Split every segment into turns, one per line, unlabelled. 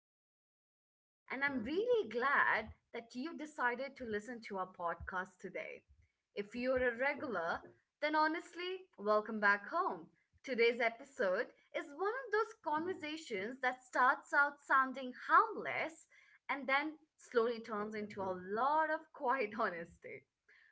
am Chelsea and I'm really glad that you decided to listen to our podcast today. If you're a regular, then honestly, welcome back home. Today's episode is one of those conversations that starts out sounding harmless and then slowly turns into a lot of quiet honesty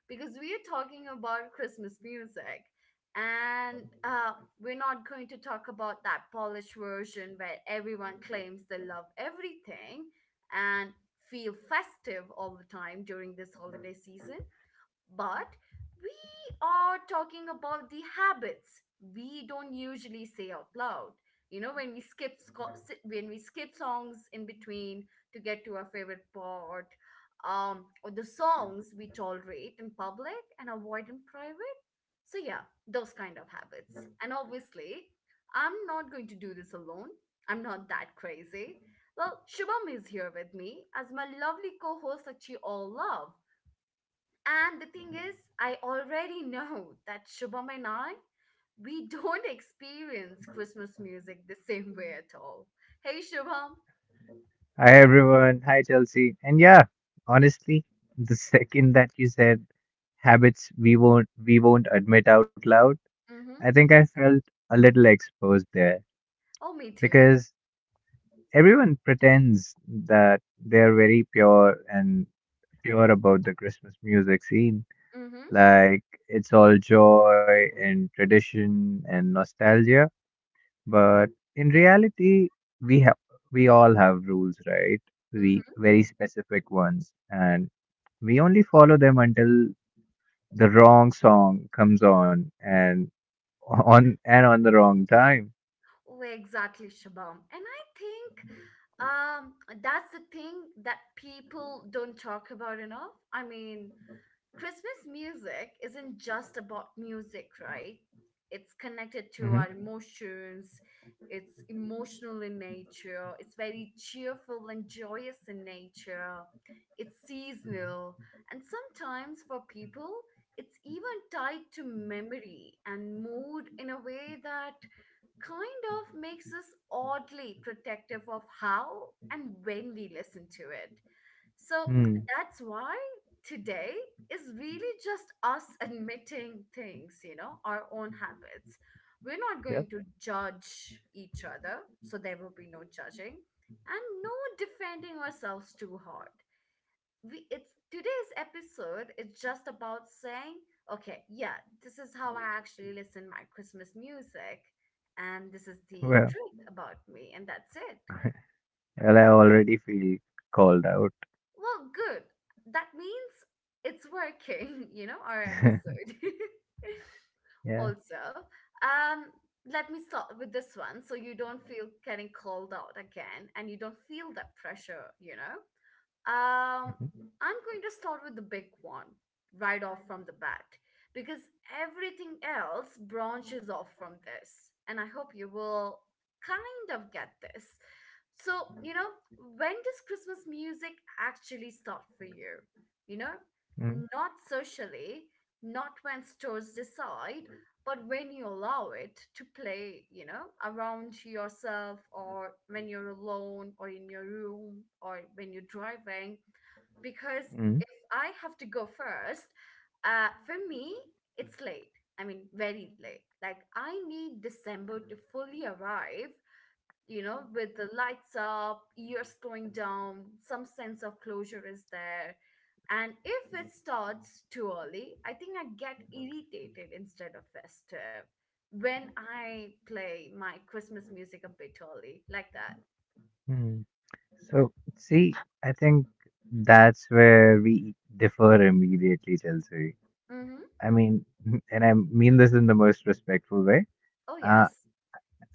because we are talking about Christmas music. And we're not going to talk about that polished version where everyone claims they love everything and feel festive all the time during this holiday season. But we are talking about the habits we don't usually say out loud. You know, when we skip when we skip songs in between to get to our favorite part, or the songs we tolerate in public and avoid in private. So yeah, those kind of habits. And obviously, I'm not going to do this alone. I'm not that crazy. Well, Shubham is here with me as my lovely co-host that you all love. And the thing is, I already know that Shubham and I, we don't experience Christmas music the same way at all. Hey, Shubham.
Hi everyone. Hi Chelsea. And yeah, honestly, the second that you said habits we won't admit out loud, I
Mm-hmm.
think I felt a little exposed there
Oh, me too.
because everyone pretends that they're very pure and pure about the Christmas music scene.
Mm-hmm.
Like it's all joy and tradition and nostalgia. But in reality, we have we all have rules, right? We
Mm-hmm.
very specific ones, and we only follow them until the wrong song comes on and on and on the wrong time.
Oh, exactly, Shubham. And I think um, that's the thing that people don't talk about enough. I mean, Christmas music isn't just about music, right? It's connected to
hmm
our emotions. It's emotional in nature. It's very cheerful and joyous in nature. It's seasonal. And sometimes for people, it's even tied to memory and mood in a way that kind of makes us oddly protective of how and when we listen to it. So
Hmm.
that's why today is really just us admitting things, you know, our own habits. We're not going
Yep.
to judge each other, so there will be no judging and no defending ourselves too hard. We it's today's episode is just about saying, okay, yeah, this is how I actually listen my Christmas music and this is the
Well,
truth about me and that's it.
well, I already feel called out.
Well, good. That means it's working, you know, our episode.
yeah.
Also, um, let me start with this one so you don't feel getting called out again and you don't feel that pressure, you know? Um,
hmm
I'm going to start with the big one right off from the bat because everything else branches off from this, and I hope you will kind of get this. So, you know, when does Christmas music actually start for you? You know,
Mm-hmm.
not socially, not when stores decide, but when you allow it to play, you know, around yourself or when you're alone or in your room or when you're driving, because
Mm-hmm.
if I have to go first, for me, it's late. I mean, very late. Like, I need December to fully arrive, you know, with the lights up, ears going down, some sense of closure is there. And if it starts too early, I think I get irritated instead of festive when I play my Christmas music a bit early, like that.
hmm So, see, I think that's where we differ immediately, Chelsea.
Mm-hmm.
I mean, and I mean this in the most respectful way.
Oh,
Uh,
yes.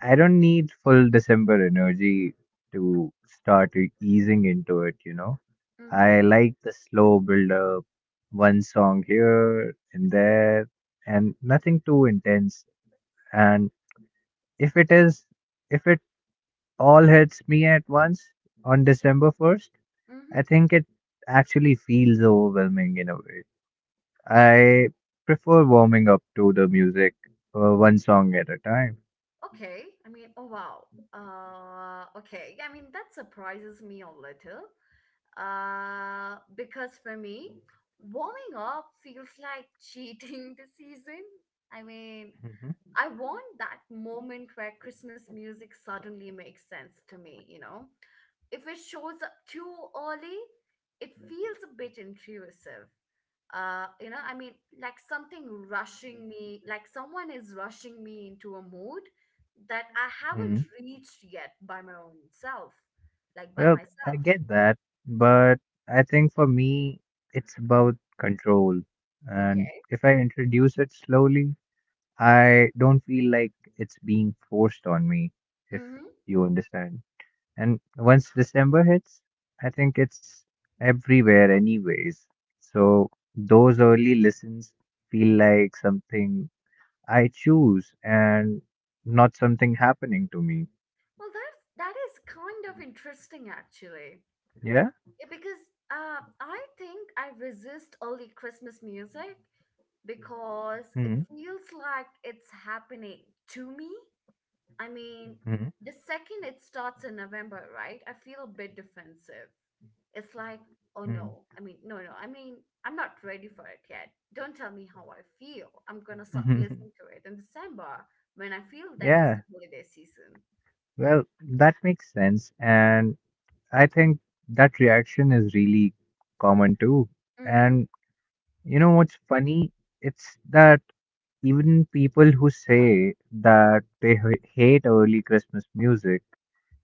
I don't need full December energy to start easing into it, you know.
Mm-hmm.
I like the slow build up, one song here and there, and nothing too intense. And if it is, if it all hits me at once on December 1st, I
Mm-hmm.
think it actually feels overwhelming in a way. I prefer warming up to the music one song at a time.
Okay. I mean, oh, wow. Okay. I mean, that surprises me a little. Because for me, warming up feels like cheating the season. I mean,
hmm
I want that moment where Christmas music suddenly makes sense to me, you know? If it shows up too early, it feels a bit intrusive. You know, I mean, like something rushing me, like someone is rushing me into a mood that I haven't
hmm
reached yet by my own self, like by
Well, I
myself.
get that, but I think for me, it's about control. And
Okay.
if I introduce it slowly, I don't feel like it's being forced on me, if
Mm-hmm.
you understand. And once December hits, I think it's everywhere, anyways. So those early listens feel like something I choose and not something happening to me.
Well, that is kind of interesting, actually.
Yeah?
Because I think I resist early Christmas music because it
Mm,
feels like it's happening to me. I mean,
mm,
the second it starts in November, right? I feel a bit defensive. It's like, oh
mm.
no. I mean, no, no. I mean, I'm not ready for it yet. Don't tell me how I feel. I'm gonna start listening to it in December when I feel that it's
yeah,
the holiday season.
well, that makes sense. And I think that reaction is really common too. And you know what's funny? It's that even people who say that they hate early Christmas music,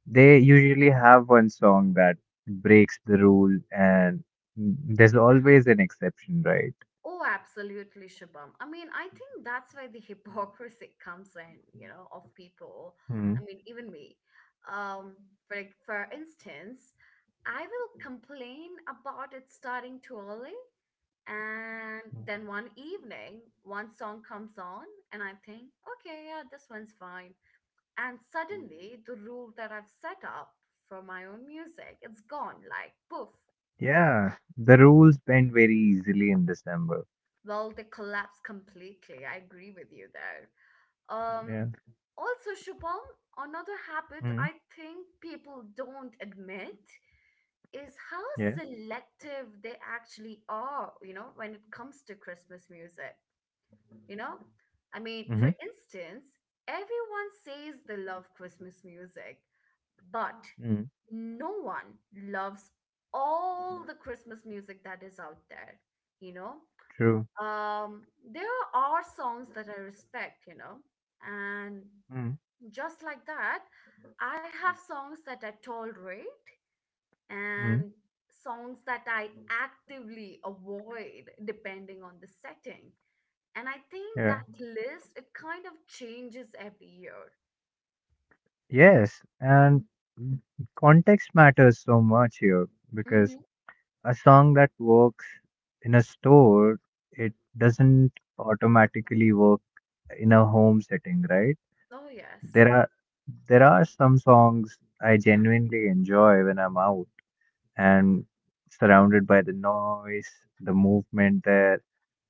they usually have one song that breaks the rule, and there's always an exception, right?
Oh, absolutely, Shabam. I mean, I think that's why the hypocrisy comes in, you know, of people.
Mm.
I mean, even me. Um, for like, for instance, I will complain about it starting too early, and then one evening, one song comes on, and I think, okay, yeah, this one's fine. And suddenly, the rule that I've set up for my own music, it's gone, like poof.
Yeah, the rules bend very easily in December.
Well, they collapse completely. I agree with you there. Um,
Yeah.
Also, Shubham, another habit
Mm,
I think people don't admit is how
yeah.
selective they actually are, you know, when it comes to Christmas music. You know, I mean, for
Mm-hmm.
instance, everyone says they love Christmas music, but
Mm,
no one loves all the Christmas music that is out there, you know?
true.
Um, there are songs that I respect, you know, and
Mm,
just like that, I have songs that I tolerate and
mm,
songs that I actively avoid depending on the setting. And I think
yeah.
that list, it kind of changes every year.
Yes, and context matters so much here because
Mm-hmm.
a song that works in a store, it doesn't automatically work in a home setting, right?
Oh, yes.
There are there are some songs I genuinely enjoy when I'm out and surrounded by the noise, the movement there.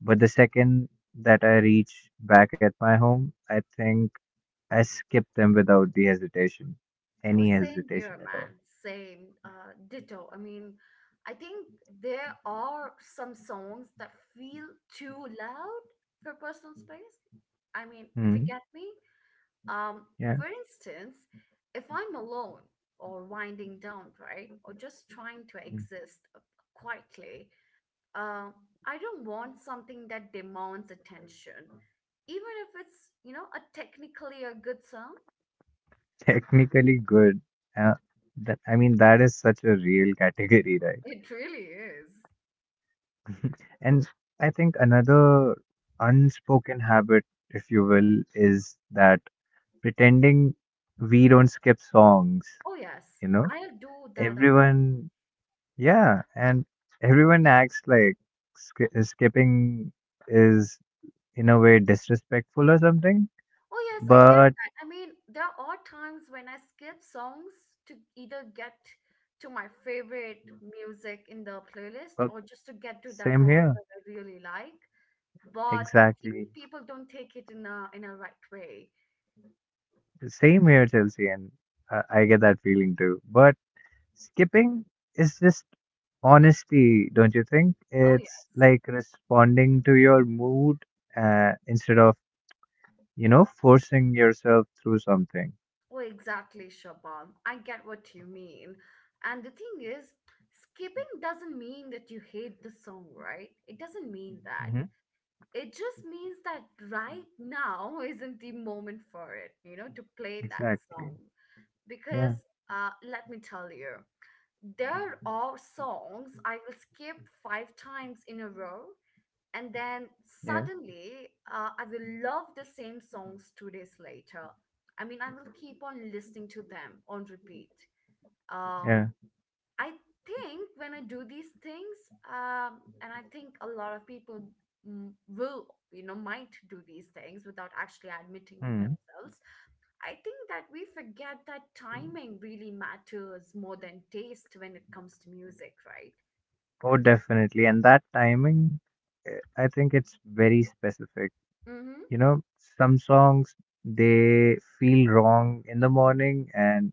But the second that I reach back at my home, I think I skip them without the hesitation,
Oh,
any
same here,
hesitation at all.
man. Same. Ditto. I mean, I think there are some songs that feel too loud for personal space. I mean, if you
Hmm.
get me, Um,
Yeah.
for instance, if I'm alone or winding down, right, or just trying to
Mm.
exist quietly, uh, I don't want something that demands attention, even if it's, you know, a technically a good song.
Technically good. Uh, I mean, that is such a real category, right?
It really is.
And I think another unspoken habit, if you will, is that pretending we don't skip songs,
Oh yes,
you know?
I'll do that a lot.
Everyone Yeah, and everyone acts like skipping is in a way disrespectful or something.
Oh, yes, I get
But
that. I mean, there are times when I skip songs to either get to my favorite music in the playlist
uh,
or just to get to that
same
part
here,
that I really like. But I
exactly.
think people don't take it in a right way.
Same here, Chelsea, and I get that feeling too. But skipping is just honesty, don't you think?
Oh,
It's
yes.
like responding to your mood instead of, you know, forcing yourself through something.
Oh, exactly, Shabam. I get what you mean. And the thing is, skipping doesn't mean that you hate the song, right? It doesn't mean that.
hmm
It just means that right now isn't the moment for it, you know, to play that song.
Exactly.
Because
Yeah,
let me tell you, there are songs I will skip five times in a row, and then
yeah,
suddenly I will love the same songs 2 days later. I mean, I will keep on listening to them on repeat. Um,
yeah.
I think when I do these things, and I think a lot of people will, you know, might do these things without actually admitting to
Hmm.
themselves. I think that we forget that timing really matters more than taste when it comes to music, right?
Oh, definitely. And that timing, I think it's very specific.
Mm-hmm.
You know, some songs they feel wrong in the morning, and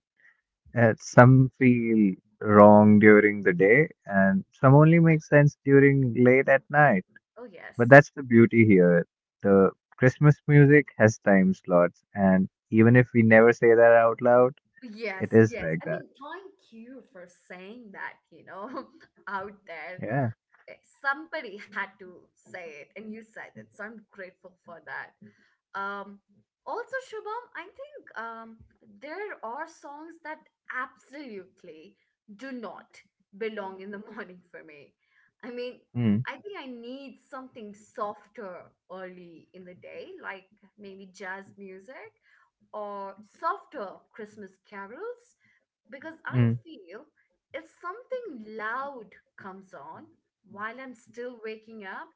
some feel wrong during the day, and some only make sense during late at night.
Oh,
But
yes.
that's the beauty here. The Christmas music has time slots, and even if we never say that out loud, it
Yes,
is
yes.
like
I
that.
mean, thank you for saying that, you know, out there.
Yeah.
Eh, Somebody had to say it, and you said it. So I'm grateful for that. Um, Also, Shubham, I think there are songs that absolutely do not belong in the morning for me. I mean,
Mm,
I think I need something softer early in the day, like maybe jazz music or softer Christmas carols, because I
mm,
feel if something loud comes on while I'm still waking up,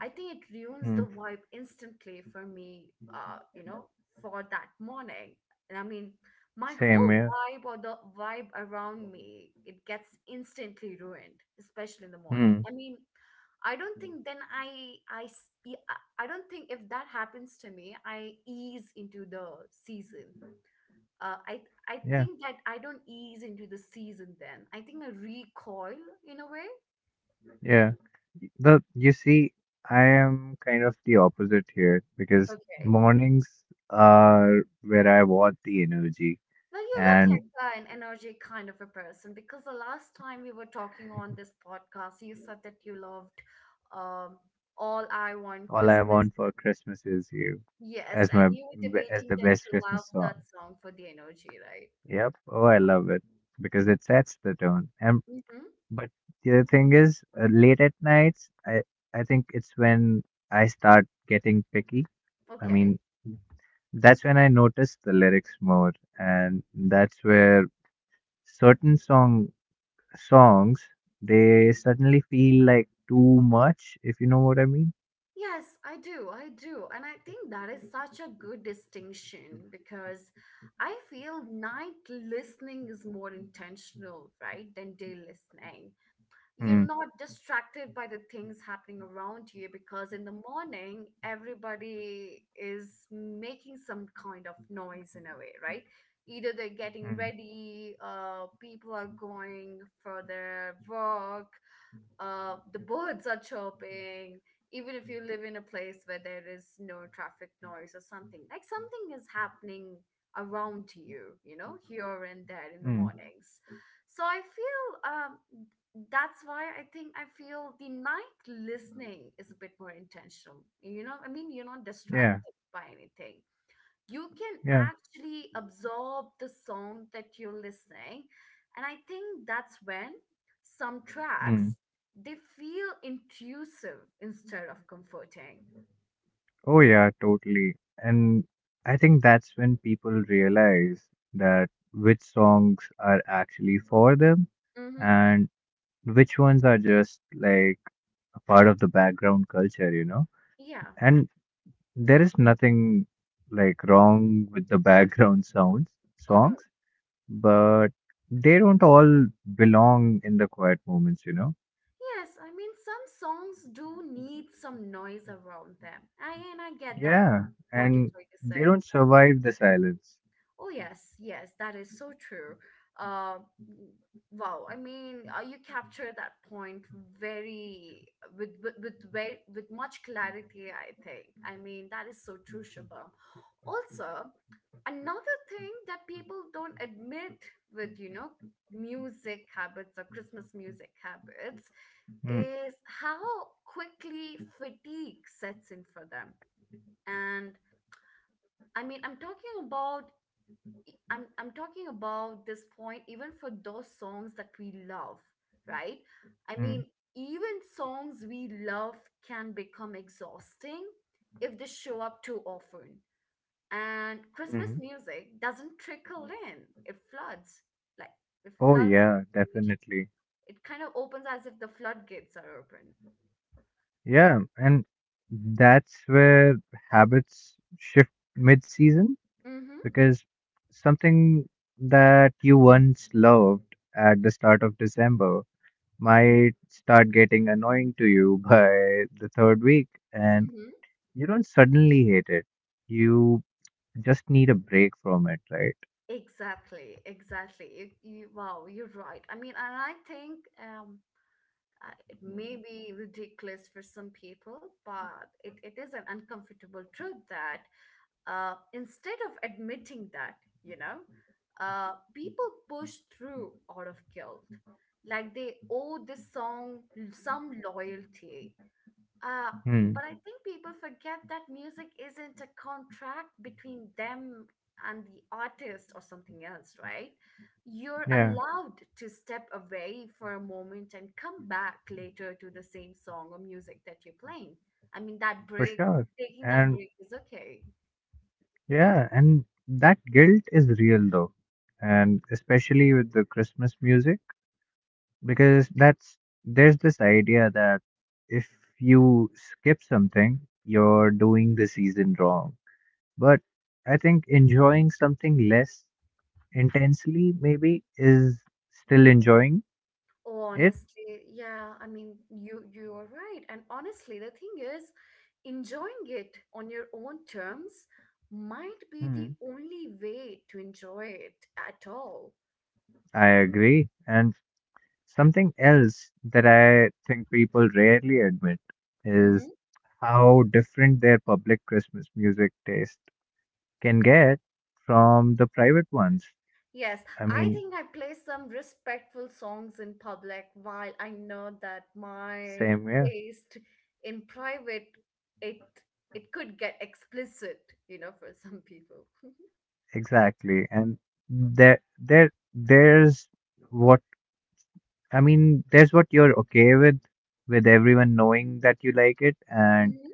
I think it ruins the
mm.
vibe instantly for me, you know, for that morning. And I mean, my
Same
whole
here.
vibe or the vibe around me, it gets instantly ruined, especially in the morning.
Mm,
I mean, I don't think then I s- e- I don't think if that happens to me, I ease into the season. Uh, I I
yeah,
think that I don't ease into the season then. I think I recoil in a way.
yeah. The you see, I am kind of the opposite here because
Okay.
mornings are where I want the energy,
Well, you look like
and
an energetic kind of a person because the last time we were talking on this podcast, you said that you loved um, All I Want
all I
Christmas.
want for Christmas is you
Yes,
as
and
my
you were
as
debating
the
that
best
you love
Christmas song.
that song for the energy, right?
Yep. Oh, I love it because it sets the tone. And
Mm-hmm.
but the other thing is, late at nights, I think it's when I start getting picky. I
Okay.
mean, that's when I notice the lyrics more, and that's where certain song. Songs, they suddenly feel like too much, if you know what I mean.
Yes, I do. I do. And I think that is such a good distinction because I feel night listening is more intentional, right, than day listening.
Hmm.
You're not distracted by the things happening around you because in the morning everybody is making some kind of noise in a way, right? Either they're getting
Hmm.
ready, people are going for their work, the birds are chirping even if you live in a place where there is no traffic noise or something, like something is happening around you, you know, here and there in the
Hmm.
mornings. So I feel that's why I think I feel the night listening is a bit more intentional. You know, I mean, you're not
Yeah.
distracted by anything. You can
Yeah.
actually absorb the song that you're listening. And I think that's when some
Hmm.
tracks they feel intrusive instead of comforting.
Oh yeah, totally. And I think that's when people realize that which songs are actually for them
Mm-hmm.
and which ones are just like a part of the background culture, you know?
Yeah.
And there is nothing like wrong with the background sounds
Oh no.
songs but they don't all belong in the quiet moments, you know?
Yes, I mean some songs do need some noise around them. I and I get that
Yeah,
what you're
and
trying to
they
say.
don't survive the silence.
Oh yes, yes, that is so true. Uh, wow, I mean, you capture that point very with much clarity, I think. I mean, that is so true, Shubham. Also, another thing that people don't admit with music habits or Christmas music habits
Mm,
is how quickly fatigue sets in for them. And I mean, I'm talking about this point even for those songs that we love, right? I mean,
mm,
even songs we love can become exhausting if they show up too often. And Christmas
mm.
music doesn't trickle in; it floods, like it
Oh,
floods.
yeah,
It
definitely.
it kind of opens as if the floodgates are open.
Yeah, and that's where habits shift mid season
Mm-hmm.
because something that you once loved at the start of December might start getting annoying to you by the third week, and
Mm-hmm.
you don't suddenly hate it you just need a break from it, right?
Exactly, exactly. Wow, you're right. I mean, and I think it may be ridiculous for some people, but it is an uncomfortable truth that instead of admitting that, you know, people push through out of guilt. Like they owe this song some loyalty, uh, but
Hmm.
I think people forget that music isn't a contract between them and the artist or something else, right? You're
Yeah,
allowed to step away for a moment and come back later to the same song or music that you're playing. I mean,
for sure.
taking that
And
break is okay.
yeah, and that guilt is real though. And especially with the Christmas music, because that's there's this idea that if you skip something, you're doing the season wrong. But I think enjoying something less intensely maybe is still enjoying it.
Honestly, yeah, I mean, you are right. And honestly, the thing is, enjoying it on your own terms might be the
Hmm.
only way to enjoy it at all.
I agree. And Something else that I think people rarely admit is
Hmm.
how different their public Christmas music taste can get from the private ones.
Yes,
I
I
mean,
think I play some respectful songs in public while I know that my
same here,
taste in private, it it could get explicit, you know, for some people.
exactly. And there's what I mean. There's what you're okay with everyone knowing that you like it, and
Mm-hmm.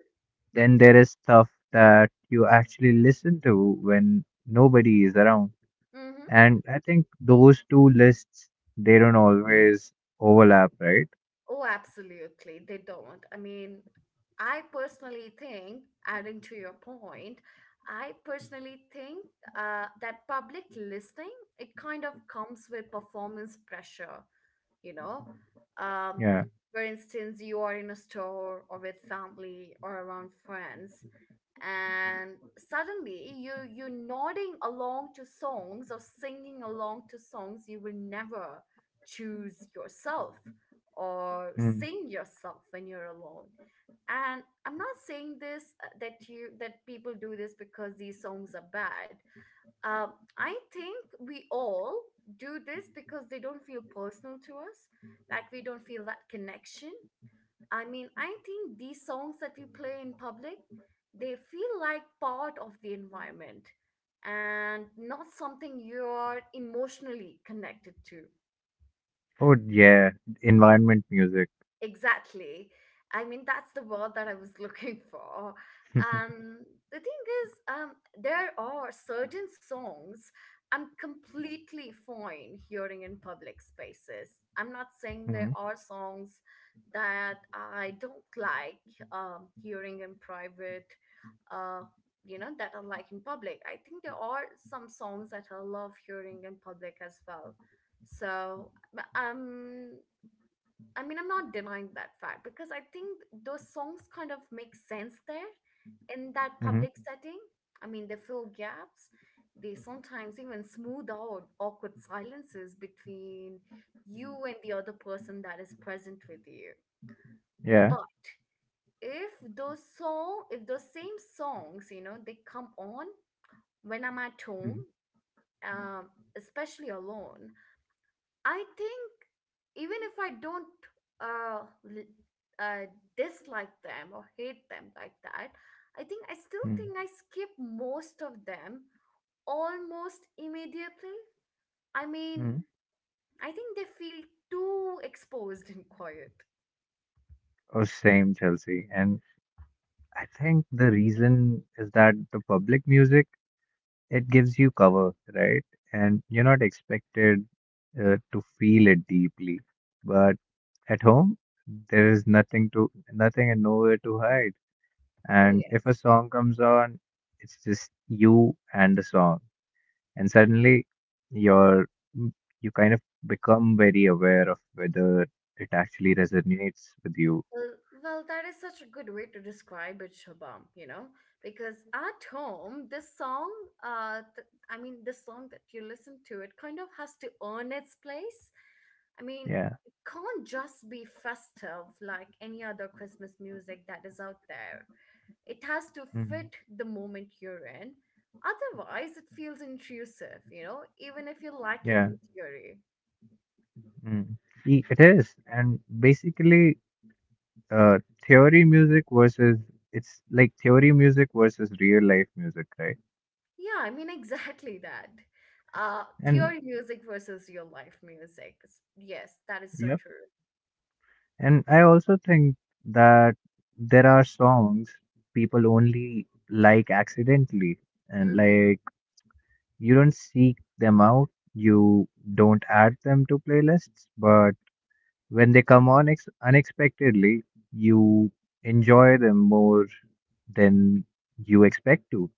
then there is stuff that you actually listen to when nobody is around. And I think those two lists, they don't always overlap, right?
Oh, absolutely. They don't. I mean, I personally think, adding to your point, I personally think that public listening, it kind of comes with performance pressure, you know um,
Yeah.
for instance, you are in a store or with family or around friends, and suddenly you're nodding along to songs or singing along to songs you will never choose yourself or
Mm.
sing yourself when you're alone. And I'm not saying this that people do this because these songs are bad. uh, I think we all do this because they don't feel personal to us. Like we don't feel that connection. I mean, I think these songs that we play in public, they feel like part of the environment and not something you're emotionally connected to.
Oh, yeah. Environment music.
Exactly. I mean, that's the word that I was looking for. Um, the thing is, there are certain songs I'm completely fine hearing in public spaces. I'm not saying
Mm-hmm.
there are songs that I don't like hearing in private, uh, you know, that I like in public. I think there are some songs that I love hearing in public as well. So, um, I mean, I'm not denying that fact because I think those songs kind of make sense there in that public
Mm-hmm.
setting. I mean, they fill gaps. They sometimes even smooth out awkward silences between you and the other person that is present with you.
Yeah.
But if those same songs, you know, they come on when I'm at home,
Mm-hmm.
um, especially alone, I think even if I don't uh, l- uh, dislike them or hate them like that, I still think I skip most of them almost immediately. I mean,
Mm-hmm.
I think they feel too exposed and quiet.
Oh, same, Chelsea. And I think the reason is that the public music, it gives you cover, right? And you're not expected to feel it deeply. But at home, there is nothing and nowhere to hide.
Oh,
And if a
yes.
song comes on, it's just you and the song. And suddenly you're you kind of become very aware of whether it actually resonates with you.
Well, well, that is such a good way to describe it, Shabam, you know, because at home, this song, I mean, this song that you listen to, it kind of has to earn its place. I mean,
Yeah.
it can't just be festive like any other Christmas music that is out there. It has to
Mm.
fit the moment you're in. Otherwise, it feels intrusive, you know, even if you like it
Yeah.
in theory.
Mm. E- It is. And basically, uh, theory music versus it's like theory music versus real life music, right?
Yeah, I mean, exactly that.
And
Theory music versus real life music. S- Yes, that is so true.
And I also think that there are songs people only like accidentally, and
Hmm.
like you don't seek them out, you don't add them to playlists, but when they come on ex unexpectedly, you enjoy them more than you expect to.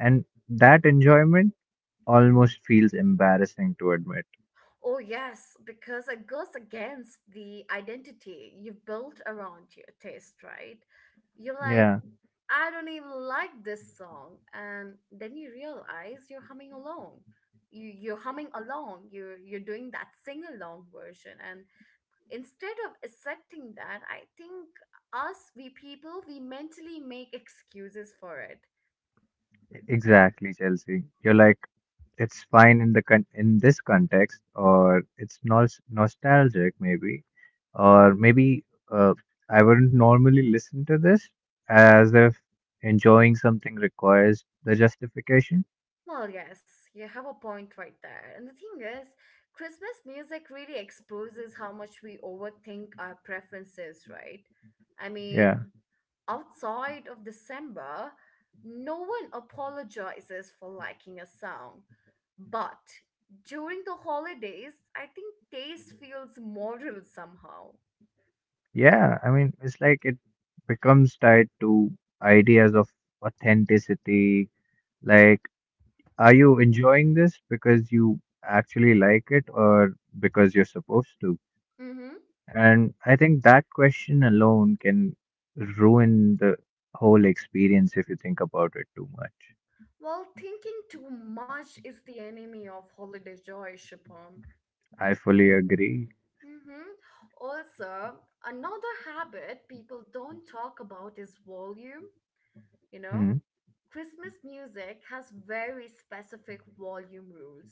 And that enjoyment almost feels embarrassing to admit.
Oh, yes, because it goes against the identity you've built around your taste, right? You're like,
Yeah,
I don't even like this song. And then you realize you're humming along. You, you're humming along. You're doing that sing along version. And instead of accepting that, I think us, we people, we mentally make excuses for it.
exactly, Chelsea. You're like, it's fine in the in this context or it's nostalgic maybe or maybe uh, I wouldn't normally listen to this as if enjoying something requires the justification
Well, yes, you have a point right there. And the thing is, Christmas music really exposes how much we overthink our preferences, right? I mean,
yeah
outside of December, no one apologizes for liking a song. But during the holidays, I think taste feels moral somehow.
yeah I mean it's like it becomes tied to ideas of authenticity like are you enjoying this because you actually like it or because you're supposed to.
Mm-hmm.
And I think that question alone can ruin the whole experience if you think about it too much.
Well, thinking too much is the enemy of holiday joy, Shubham.
I fully agree.
Hmm. Also, another habit people don't talk about is volume. You know,
Hmm.
Christmas music has very specific volume rules.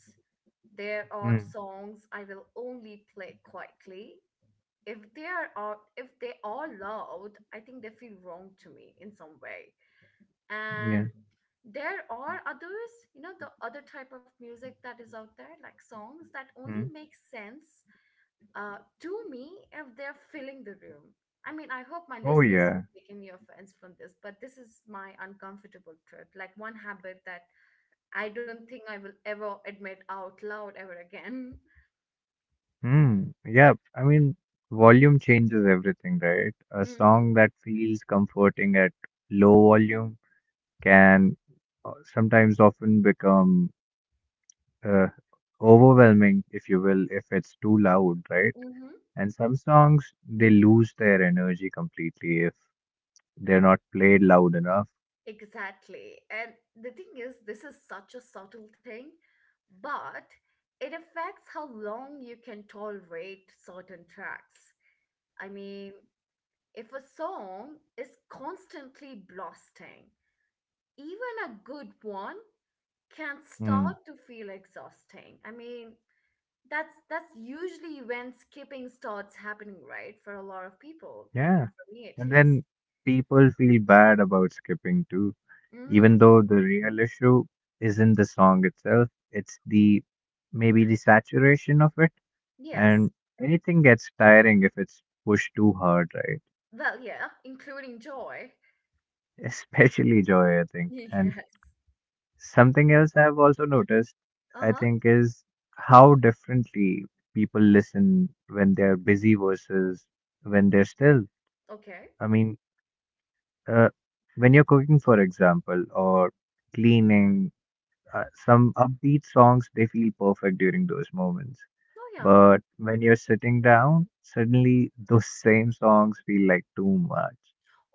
There are
Hmm.
songs I will only play quietly. If they are out, if they are loud, I think they feel wrong to me in some way. And
Yeah.
there are others, you know, the other type of music that is out there, like songs that only
Hmm.
make sense to me if they're filling the room. I mean, I hope my
Oh,
listeners
yeah.
don't take any offense from this, but this is my uncomfortable truth, like one habit that I don't think I will ever admit out loud ever again.
Hmm. Yeah. I mean, volume changes everything, right? A
Mm-hmm.
song that feels comforting at low volume can sometimes often become uh, overwhelming, if you will, if it's too loud, right? And some songs, they lose their energy completely if They're not played loud enough.
Exactly. And the thing is, this is such a subtle thing, but it affects how long you can tolerate certain tracks. I mean, if a song is constantly blasting, even a good one can
Hmm.
start to feel exhausting. I mean, that's usually when skipping starts happening, right? For a lot of people. I mean,
Yeah.
for me at
And
least.
then people feel bad about skipping too,
Mm-hmm.
even though the real issue isn't the song itself, it's the maybe the saturation of it.
Yes.
And anything gets tiring if it's pushed too hard, right?
Well, yeah, including joy.
Especially joy, I think.
Yeah.
And something else I've also noticed, I
Uh-huh.
think, is how differently people listen when they're busy versus when they're still.
Okay.
I mean, Uh, when you're cooking, for example, or cleaning, some upbeat songs, they feel perfect during those moments.
Oh yeah.
But when you're sitting down, suddenly those same songs feel like too much.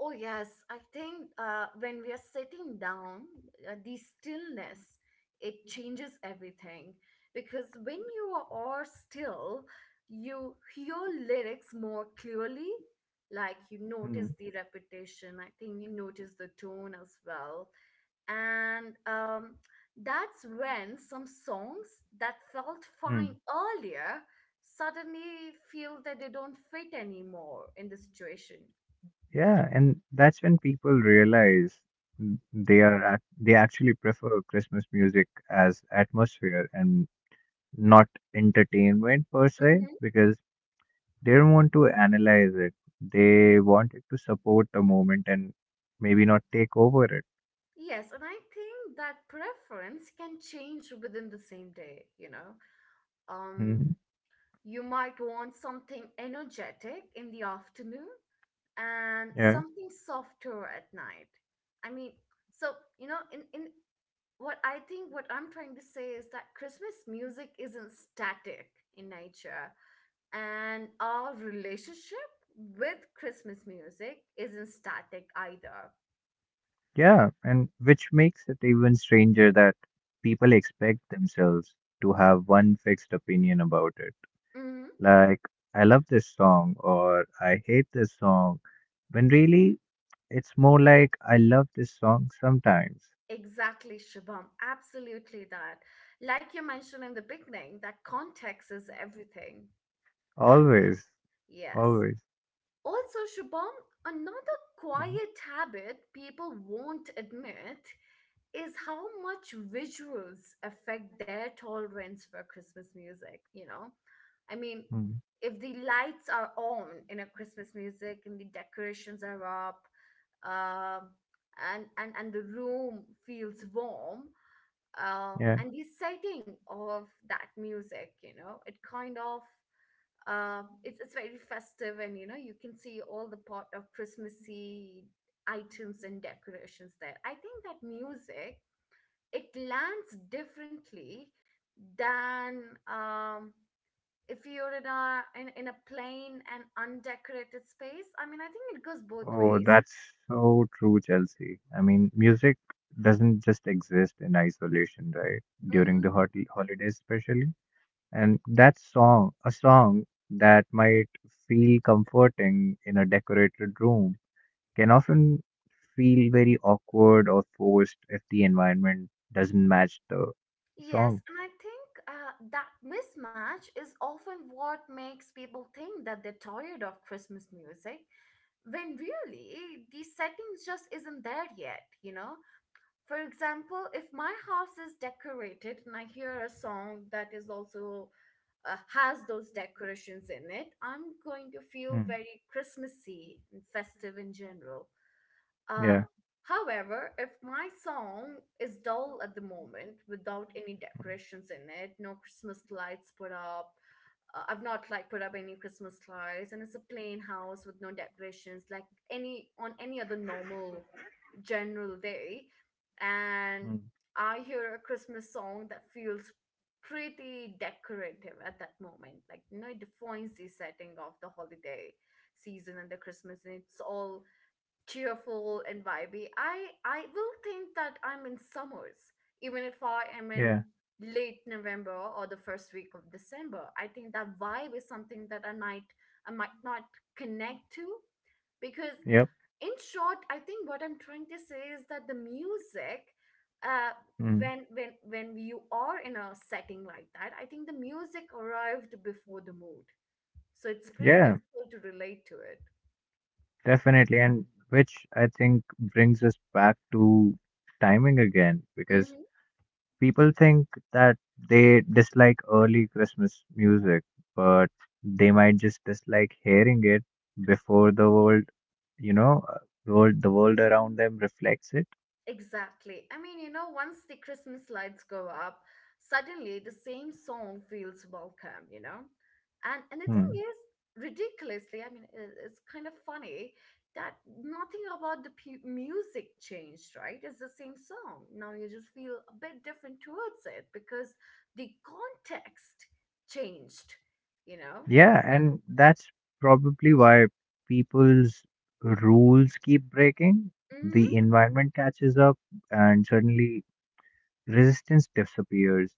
Oh yes. I think when we are sitting down, the stillness, it changes everything because when you are still, you hear lyrics more clearly. Like you
Hmm.
notice the repetition. I think you notice the tone as well. And That's when some songs that felt
Hmm.
fine earlier suddenly feel that they don't fit anymore in the situation.
Yeah, and that's when people realize they actually prefer Christmas music as atmosphere and not entertainment per se,
Mhm.
because They don't want to analyze it. They wanted to support the moment and maybe not take over it.
Yes, and I think that preference can change within the same day, you know. Um,
hmm
you might want something energetic in the afternoon and
Yeah.
something softer at night. I mean, so you know, in what I'm trying to say is that Christmas music isn't static in nature, and our relationship with Christmas music isn't static either.
Yeah. And which makes it even stranger that people expect themselves to have one fixed opinion about it.
Hmm.
Like, I love this song or I hate this song. When really, it's more like I love this song sometimes.
Exactly, Shabam. Absolutely that. Like you mentioned in the beginning, that context is everything.
Always.
Yes.
Always.
Also, Shubham, another
hmm
quiet habit people won't admit is how much visuals affect their tolerance for Christmas music, you know? I mean,
hmm
if the lights are on in a Christmas music and the decorations are up, um, and the room feels warm,
Yeah.
and the setting of that music, you know, it kind of it's very festive, and you know you can see all the pot of Christmassy items and decorations there. I think that music, it lands differently than if you're in a in a plain and undecorated space. I mean, I think it goes both
Oh,
ways.
that's so true, Chelsea. I mean, music doesn't just exist in isolation, right? During
Hmm.
the hot holidays, especially. And that song, a song that might feel comforting in a decorated room, can often feel very awkward or forced if the environment doesn't match the
Yes,
song.
and I think that mismatch is often what makes people think that they're tired of Christmas music when really the settings just isn't there yet, you know? For example, if my house is decorated and I hear a song that is also has those decorations in it, I'm going to feel
Mm,
very Christmassy and festive in general.
yeah.
Um, However, if my song is dull at the moment without any decorations in it, no Christmas lights put up, I've not like put up any Christmas lights, and it's a plain house with no decorations, like any other normal general day. And
Mm,
I hear a Christmas song that feels pretty decorative at that moment. Like, you know, it defines the setting of the holiday season and the Christmas, and it's all cheerful and vibey. I will think that I'm in summers, even if I am in
yeah.
late November or the first week of December. I think that vibe is something that I might not connect to because,
Yep.
in short, I think what I'm trying to say is that the music, uh,
Mm,
when you are in a setting like that, I think the music arrived before the mood, so it's pretty
yeah.
difficult to relate to it.
Definitely, and which I think brings us back to timing again, because
Mm-hmm.
people think that they dislike early Christmas music, but they might just dislike hearing it before the world, you know, uh, the world around them reflects it.
Exactly. I mean, you know, once the Christmas lights go up, suddenly the same song feels welcome, you know? And the thing
Hmm.
is, ridiculously, I mean, it's kind of funny that nothing about the music changed, right? It's the same song. Now you just feel a bit different towards it because the context changed, you know?
Yeah, and that's probably why people's rules keep breaking. The
Mm-hmm.
environment catches up, and suddenly resistance disappears.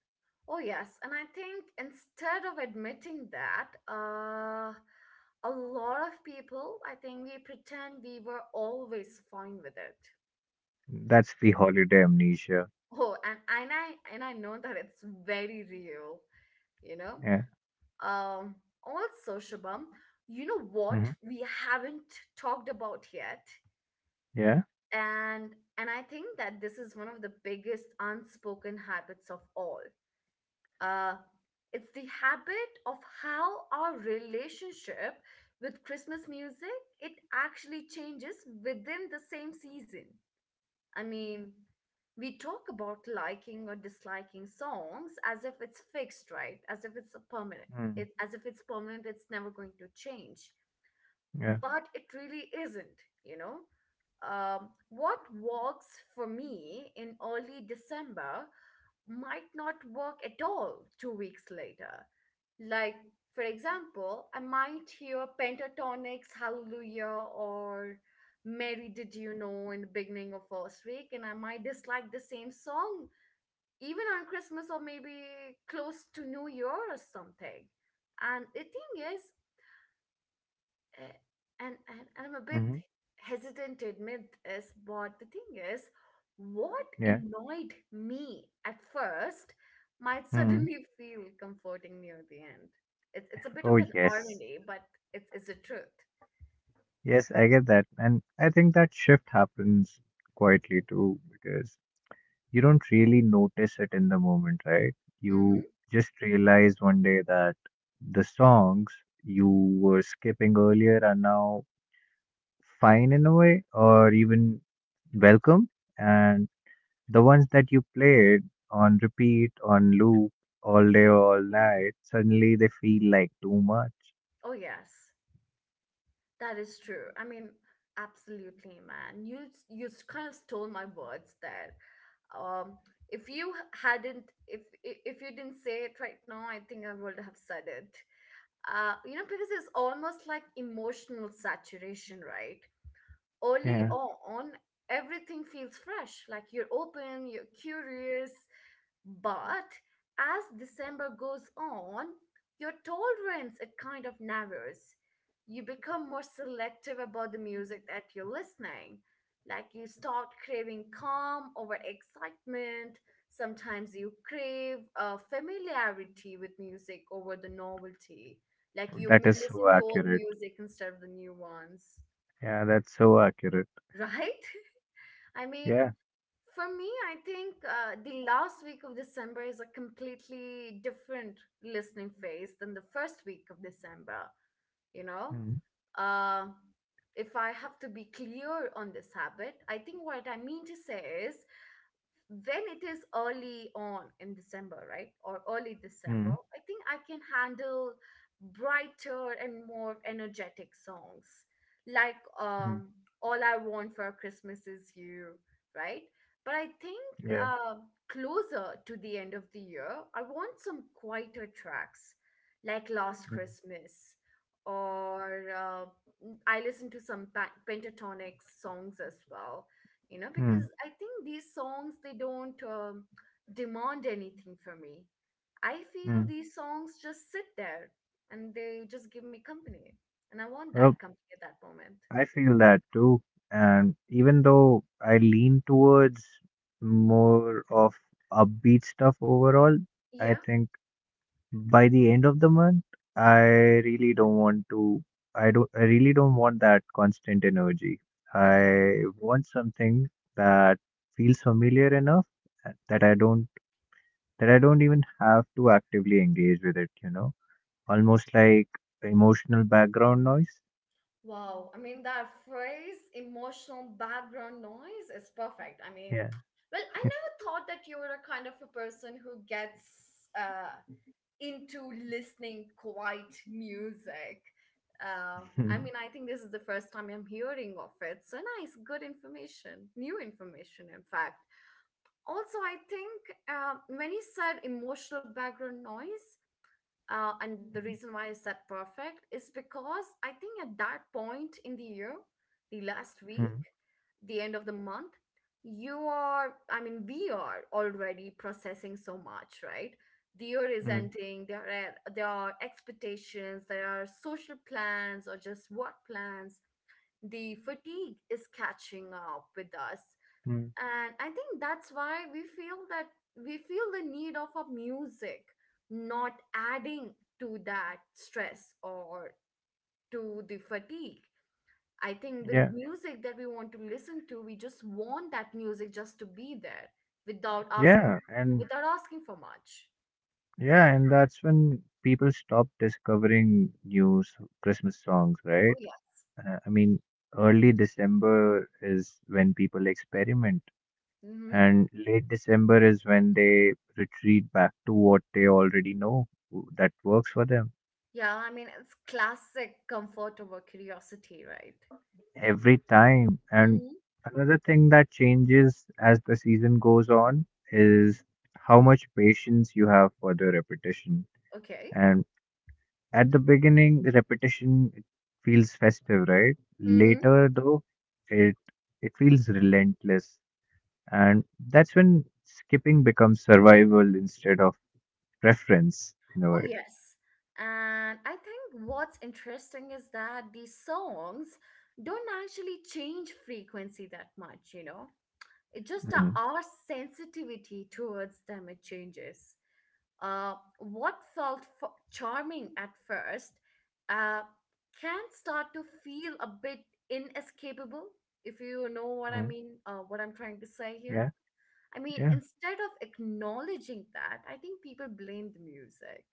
Oh, yes. And I think instead of admitting that, a lot of people, I think we pretend we were always fine with it.
That's the holiday amnesia.
Oh, and, and I and I know that it's very real, you know.
Yeah.
Um, Also, Shabam, you know what
hmm
we haven't talked about yet,
Yeah.
and I think that this is one of the biggest unspoken habits of all. uh, it's the habit of how our relationship with Christmas music it actually changes within the same season. I mean, we talk about liking or disliking songs as if it's fixed, right? As if it's a permanent
mm
it, as if it's permanent it's never going to change,
Yeah.
but it really isn't, you know. What works for me in early December might not work at all 2 weeks later. Like, for example, I might hear Pentatonix Hallelujah or Mary Did You Know in the beginning of first week, and I might dislike the same song even on Christmas or maybe close to New Year or something. And the thing is, uh, and I'm a bit
hmm
hesitant to admit this, but the thing is, what
Yeah.
annoyed me at first might
mm
suddenly feel comforting near the end. It's a bit
Oh,
of an
yes.
irony, but it's the truth.
Yes, I get that. And I think that shift happens quietly too because you don't really notice it in the moment, right?
Mm-hmm.
You just realize one day that the songs you were skipping earlier are now fine in a way, or even welcome. And the ones that you played on repeat, on loop, all day, all night, suddenly they feel like too much.
Oh yes, that is true. I mean, absolutely, man. Kind of stole my words there. Um, if you hadn't, if if you didn't say it right now, I think I would have said it. You know, because it's almost like emotional saturation, right? Early
Yeah,
on, everything feels fresh. Like you're open, you're curious, but as December goes on, your tolerance it kind of narrows. You become more selective about the music that you're listening. Like you start craving calm over excitement. Sometimes you crave familiarity with music over the novelty. Like you
that is
listen
so
to old
accurate.
music instead of the new ones,
Yeah, that's so accurate.
right? I mean,
Yeah.
for me, I think the last week of December is a completely different listening phase than the first week of December, you know?
Mm,
Uh, if I have to be clear on this habit, I think what I mean to say is when it is early on in December, right, or early December,
mm,
I think I can handle brighter and more energetic songs like
mm,
All I Want for Christmas Is You, right? But I think
yeah.
uh, closer to the end of the year, I want some quieter tracks like Last
Mm,
Christmas or I listen to some pentatonic songs as well. You know, because
mm,
I think these songs they don't demand anything from me. I feel
mm.
these songs just sit there and they just give me company, and I want that
Well,
company at that moment.
I feel that too. And even though I lean towards more of upbeat stuff overall, I
Yeah,
think by the end of the month, I really don't want to, I really don't want that constant energy.
okay.
I want something that feels familiar enough uh, that I don't, that I don't even have to actively engage with it, you know, almost like emotional background noise.
Wow, I mean, that phrase emotional background noise is perfect. I mean,
Yeah.
well, I never thought that you were a kind of a person who gets into listening quiet music. Uh, I mean, I think this is the first time I'm hearing of it. So nice, good information, new information, in fact. Also, I think when you said emotional background noise, and the reason why I said perfect is because I think at that point in the year, the last week,
Mm,
the end of the month, you are, I mean, we are already processing so much, right? The year is
mm,
ending, there are expectations, there are social plans or just work plans. The fatigue is catching up with us,
mm.
and I think that's why we feel that we feel the need of a music not adding to that stress or to the fatigue. I think the
Yeah.
music that we want to listen to, we just want that music just to be there without asking,
Yeah. And
without asking for much.
yeah, and that's when people stop discovering Christmas songs,
Oh
right?
yeah.
I mean, early December is when people experiment,
Hmm.
and late December is when they retreat back to what they already know that works for them
Yeah, I mean, it's classic comfort over curiosity, right?
every time. And
Hmm.
another thing that changes as the season goes on is how much patience you have for the repetition.
Okay.
And at the beginning, repetition it feels festive, right? Later, though, it it feels relentless. And that's when skipping becomes survival instead of preference in a
Oh,
way.
yes. And I think what's interesting is that these songs don't actually change frequency that much, you know? It just
Mm,
our sensitivity towards them it changes. What felt charming at first, uh, can start to feel a bit inescapable, if you know what I
mm,
mean, what I'm trying to say here.
yeah.
I mean,
Yeah,
instead of acknowledging that, I think people blame the music.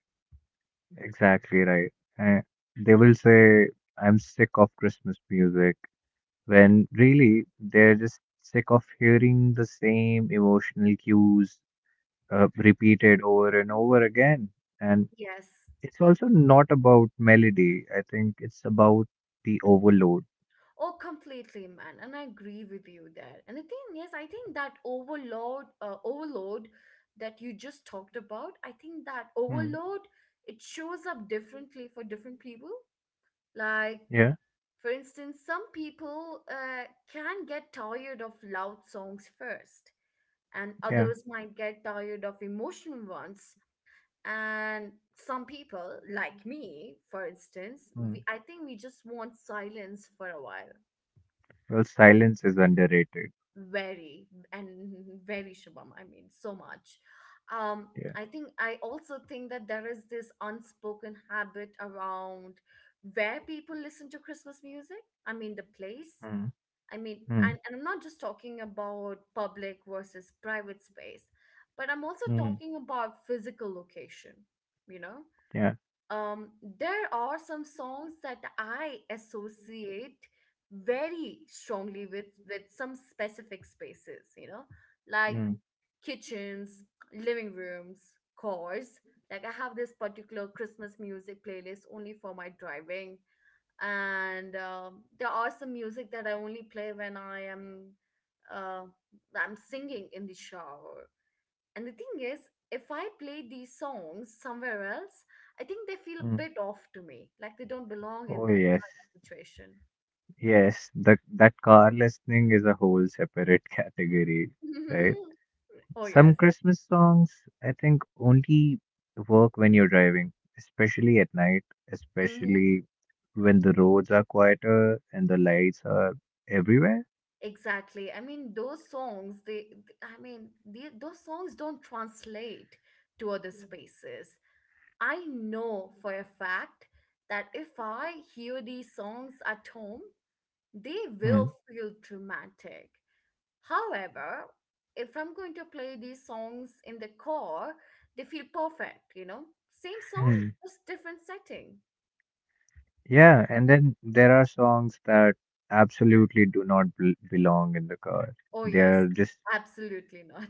exactly right. Uh, they will say, I'm sick of Christmas music, when really they're just sick of hearing the same emotional cues repeated over and over again. And
Yes.
it's also not about melody, I think it's about the overload.
Oh, completely, man. And I agree with you there. And the thing is, I think that overload, overload that you just talked about, I think that
mm,
overload, it shows up differently for different people. Like,
yeah,
for instance, some people can get tired of loud songs first, and
yeah.
others might get tired of emotional ones. And some people, like me, for instance,
Mm.
we, I think we just want silence for a while.
Well, silence is underrated.
Very, and very Shabam. I mean, so much. Um,
Yeah.
I think I also think that there is this unspoken habit around where people listen to Christmas music. I mean, the place.
Mm,
I mean,
mm,
and I'm not just talking about public versus private space, but I'm also
mm,
talking about physical location, you know?
yeah,
There are some songs that I associate very strongly with some specific spaces, you know, like
mm,
kitchens, living rooms, cars. Like I have this particular Christmas music playlist only for my driving, and there are some music that I only play when I am uh, I'm singing in the shower. And the thing is, if I play these songs somewhere else, I think they feel a
mm.
bit off to me, like they don't belong in
Oh
that
yes,
kind of situation.
yes. That car listening is a whole separate category, right?
Oh
Some
yes.
Christmas songs I think only work when you're driving, especially at night,
Mm-hmm.
especially when the roads are quieter and the lights are everywhere.
Exactly. I mean, those songs, they, I mean, the, those songs don't translate to other spaces. I know for a fact that if I hear these songs at home, they will
Mm,
feel dramatic. However, if I'm going to play these songs in the car, they feel perfect, you know? Same song,
mm.
just different setting.
Yeah, and then there are songs that absolutely do not belong in the car.
Oh,
They
yes,
are just
absolutely not.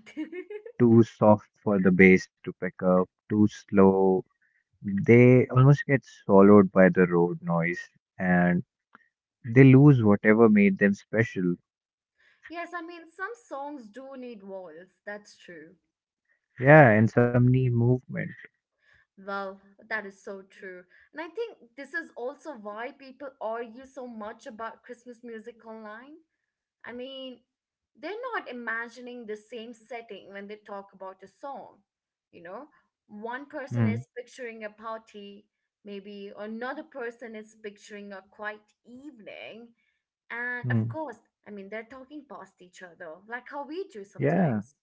too soft for the bass to pick up, too slow. They almost get swallowed by the road noise, and they lose whatever made them special.
Yes, I mean, some songs do need walls. That's true.
Yeah, and some knee movement.
Well, that is so true. And I think this is also why people argue so much about Christmas music online. I mean, they're not imagining the same setting when they talk about a song. You know, one person
Hmm.
is picturing a party, maybe another person is picturing a quiet evening. And of
Hmm.
course, I mean, they're talking past each other, like how we do
Yeah,
sometimes.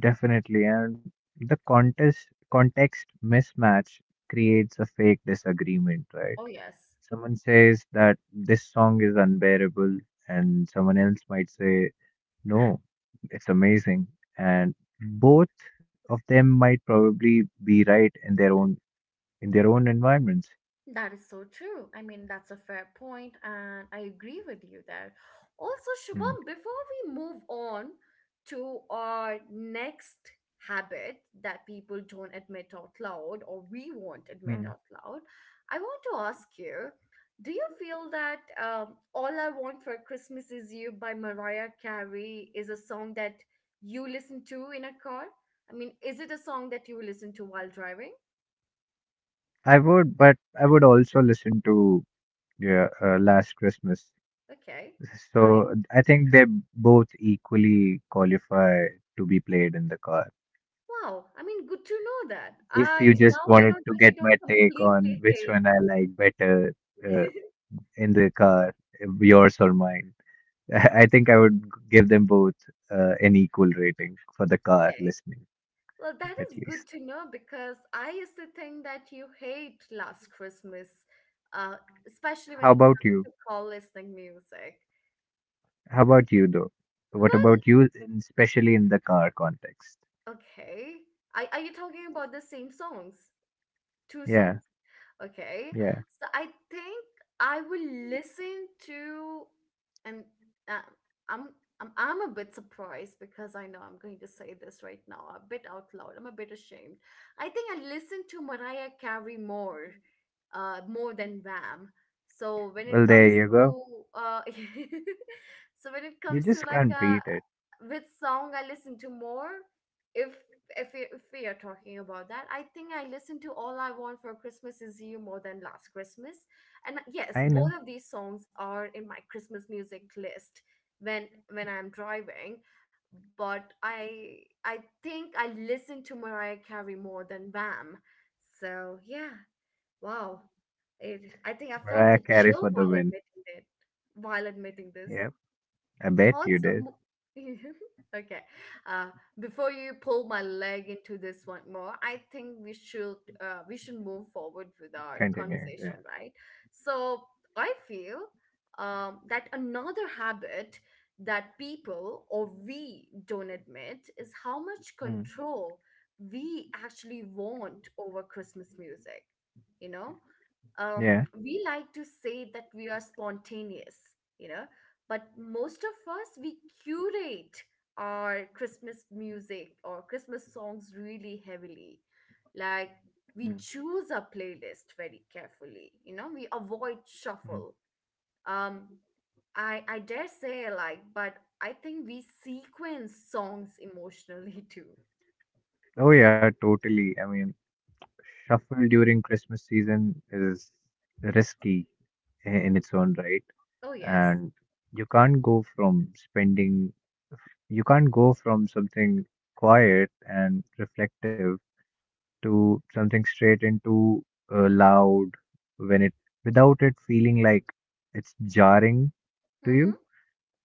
definitely. And the contest context mismatch creates a fake disagreement, right?
Oh, yes.
Someone says that this song is unbearable, and someone else might say no, it's amazing. And both of them might probably be right in their own environments.
That is so true. I mean, that's a fair point, and I agree with you there. Also,
Mm.
Shubham, before we move on to our next habit that people don't admit out loud or we won't admit
Hmm.
out loud, I want to ask you, do you feel that All I Want for Christmas Is You by Mariah Carey is a song that you listen to in a car? I mean, is it a song that you listen to while driving?
I would, but I would also listen to yeah, Last Christmas.
Okay.
So I think they both equally qualify to be played in the car.
Wow, I mean, good to know that.
If you
I
just
now I
wanted
know
to
that
get
you
my
don't
take on
completely
which
hate.
one I like better, uh, in the car, yours or mine. I I think I would give them both an equal rating for the car
Okay.
listening,
Well, that
at
is
least.
good to know because I used to think that you hate Last Christmas, uh, especially
How
when it
about
comes
you?
to call listening music.
How about you, though? What about you, especially in the car context?
Well, okay. Are you talking about the same songs? Two
Yeah,
songs. Okay.
yeah.
So I think I will listen to, and uh, I'm I'm a bit surprised because I know I'm going to say this right now, a bit out loud. I'm a bit ashamed. I think I listen to Mariah Carey more, more than Wham. So when it
Well, there
comes
you go.
to uh, so when it
You
comes to
just
like
can't
a
beat it.
which song I listen to more, if if we are talking about that, I think I listen to All I Want for Christmas Is You more than Last Christmas. And yes,
I know.
both of these songs are in my Christmas music list when I'm driving, but I think I listen to Mariah Carey more than Bam. So, yeah. Wow. It I think I felt
Mariah
the
Carey
chill
for the
while
win.
admitting it, while admitting this.
Yep, I bet you
Also,
did.
okay. Uh, before you pull my leg into this one more, I think we should move forward with our
Continue. Yeah.
conversation, right? So I feel that another habit that people or we don't admit is how much
Mm.
control we actually want over Christmas music. You know,
Yeah.
we like to say that we are spontaneous, you know, but most of us, we curate our Christmas music or Christmas songs really heavily. Like, we
Mm.
choose our playlist very carefully, you know, we avoid
Mm.
shuffle. Um, I dare say, like, but I think we sequence songs emotionally too.
Oh, yeah, totally. I mean, shuffle during Christmas season is risky in its own right,
Oh, yes.
and you can't go from spending you can't go from something quiet and reflective to something straight into loud, when it without it feeling like it's jarring to you.
Mm-hmm.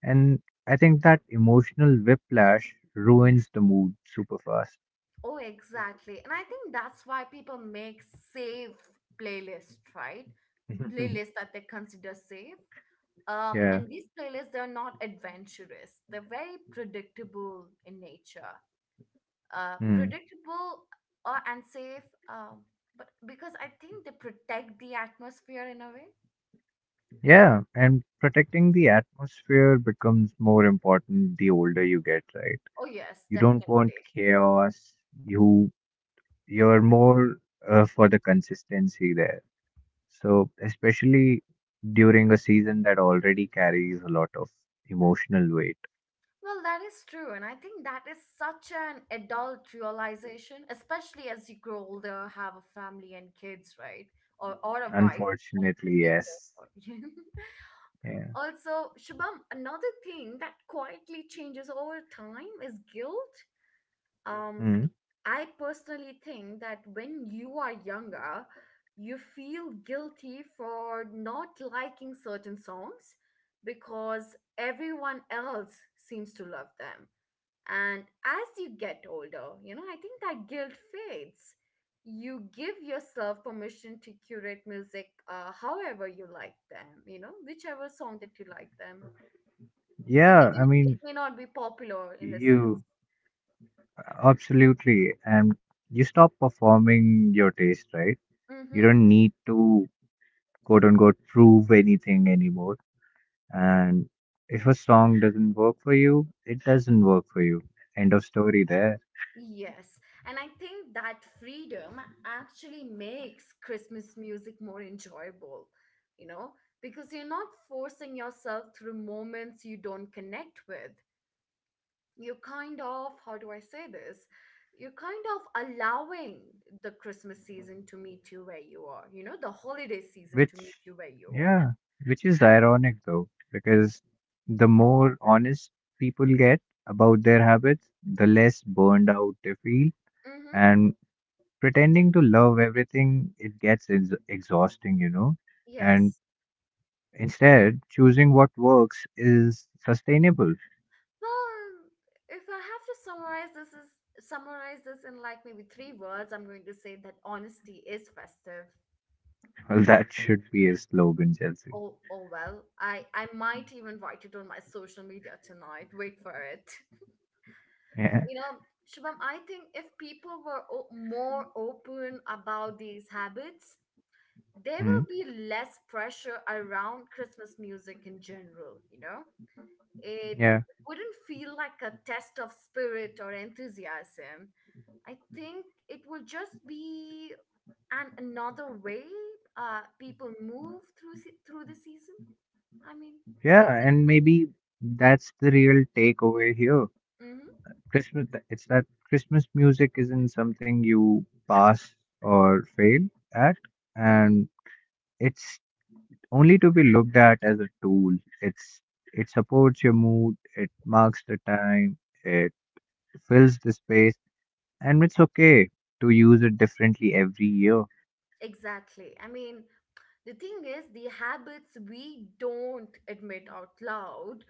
And I think that emotional whiplash ruins the mood super fast.
Oh, exactly. And I think that's why people make safe playlists, right? Playlists that they consider safe.
Yeah.
And these playlists, they're not adventurous. They're very predictable in nature.
Hmm.
Predictable and safe, um, but because I think they protect the atmosphere in a way.
Yeah, and protecting the atmosphere becomes more important the older you get, right?
Oh, yes,
you don't want
definitely.
chaos you You're more for the consistency there. So, especially during a season that already carries a lot of emotional weight.
Well, that is true. And I think that is such an adult realization, especially as you grow older, have a family and kids, right? Or a wife and
Unfortunately,
three kids.
yes. Yeah.
Also, Shubham, another thing that quietly changes over time is guilt. Um,
Mm.
I personally think that when you are younger, you feel guilty for not liking certain songs because everyone else seems to love them, and as you get older, you know, I think that guilt fades. You give yourself permission to curate music however you like them, you know, whichever song that you like them,
Yeah,
even
I
if it
mean,
may not be popular in the sense.
you absolutely. And you stop performing your taste, right? You
Mm-hmm.
don't need to, quote unquote, prove anything anymore. And if a song doesn't work for you, it doesn't work for you. End of story there.
Yes. And I think that freedom actually makes Christmas music more enjoyable, you know, because you're not forcing yourself through moments you don't connect with. You're kind of, how do I say this, you're kind of allowing the Christmas season to meet you where you are, you know, the holiday season to meet
Which,
you where you are.
yeah, which is ironic though, because the more honest people get about their habits, the less burned out they feel.
Mm-hmm.
And pretending to love everything, it gets ex exhausting, you know. And
Yes.
instead, choosing what works is sustainable.
Well, if I have to summarize this is summarize this in like maybe three words, I'm going to say that honesty is festive.
Well, that should be a slogan, Chelsea.
Oh, oh, well, I might even write it on my social media tonight. Wait for it.
Yeah.
You know, Shubham, I think if people were more open about these habits, there
Mm,
will be less pressure around Christmas music in general, you know? It
yeah.
wouldn't feel like a test of spirit or enthusiasm. I think it will just be an another way people move through through the season. I mean,
Yeah.
did
And Maybe that's the real takeaway here.
mm-hmm,
Christmas, it's that Christmas music isn't something you pass or fail at,
mm-hmm,
and it's only to be looked at as a tool. It's it supports your mood, it marks the time, it fills the space, and it's okay to use it differently every year.
exactly. I mean, the thing is, the habits we don't admit out loud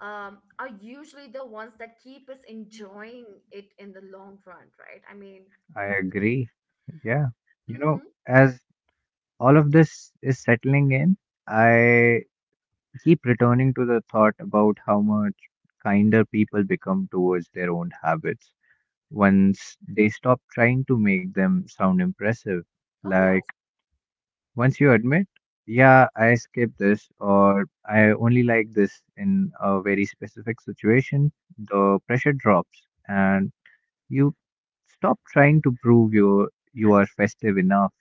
are usually the ones that keep us enjoying it in the long run, right? I mean,
I agree. Yeah. You know,
hmm,
as all of this is settling in, I keep returning to the thought about how much kinder people become towards their own habits once they stop trying to make them sound impressive.
oh,
Like,
yes.
once you admit, yeah, I skipped this, or I only like this in a very specific situation, the pressure drops, and you stop trying to prove you are festive enough,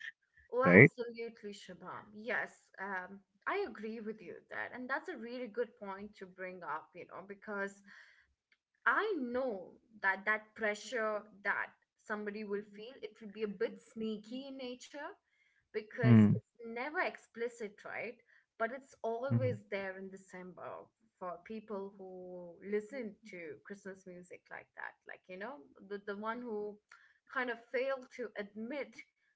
Oh,
right?
absolutely, Shabam. Yes, um, I agree with you that. And that's a really good point to bring up, you know, because I know that that pressure that somebody will feel, it will be a bit sneaky in nature because
Mm,
it's never explicit, right? But it's
mm,
always there in December for people who listen to Christmas music like that. Like, you know, the one who kind of failed to admit,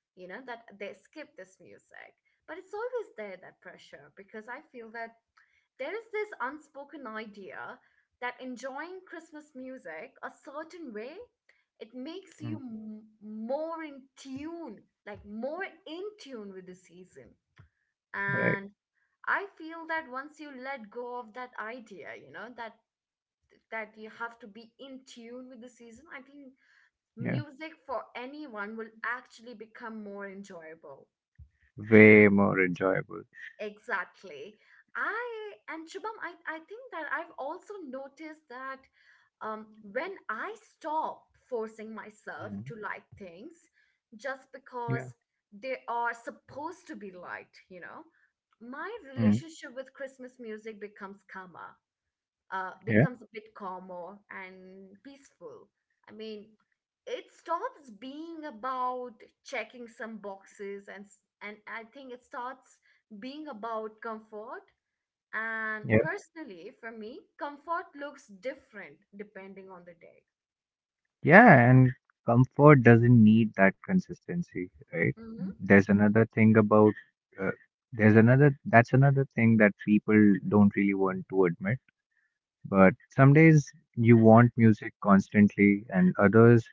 you know, that they skip this music. But it's always there, that pressure, because I feel that there is this unspoken idea that enjoying Christmas music a certain way, it makes you
mm.
more in tune, like more in tune with the season.
Right.
And I feel that once you let go of that idea, you know, that that you have to be in tune with the season, I think
Yeah.
music for anyone will actually become more enjoyable.
Way more enjoyable.
Exactly. I and Shubham, I think that I've also noticed that when I stop forcing myself
Mm.
to like things just
Yeah.
because they are supposed to be liked, you know, my
Mm,
relationship with Christmas music becomes calmer,
yeah,
becomes a bit calmer and peaceful. I mean, it stops being about checking some boxes and and I think it starts being about comfort, and
yeah,
personally, for me, comfort looks different depending on the day.
yeah. And comfort doesn't need that consistency, right? Mm.
Hmm.
Uh, there's another that's another thing that people don't really want to admit. But some days you want music constantly, and others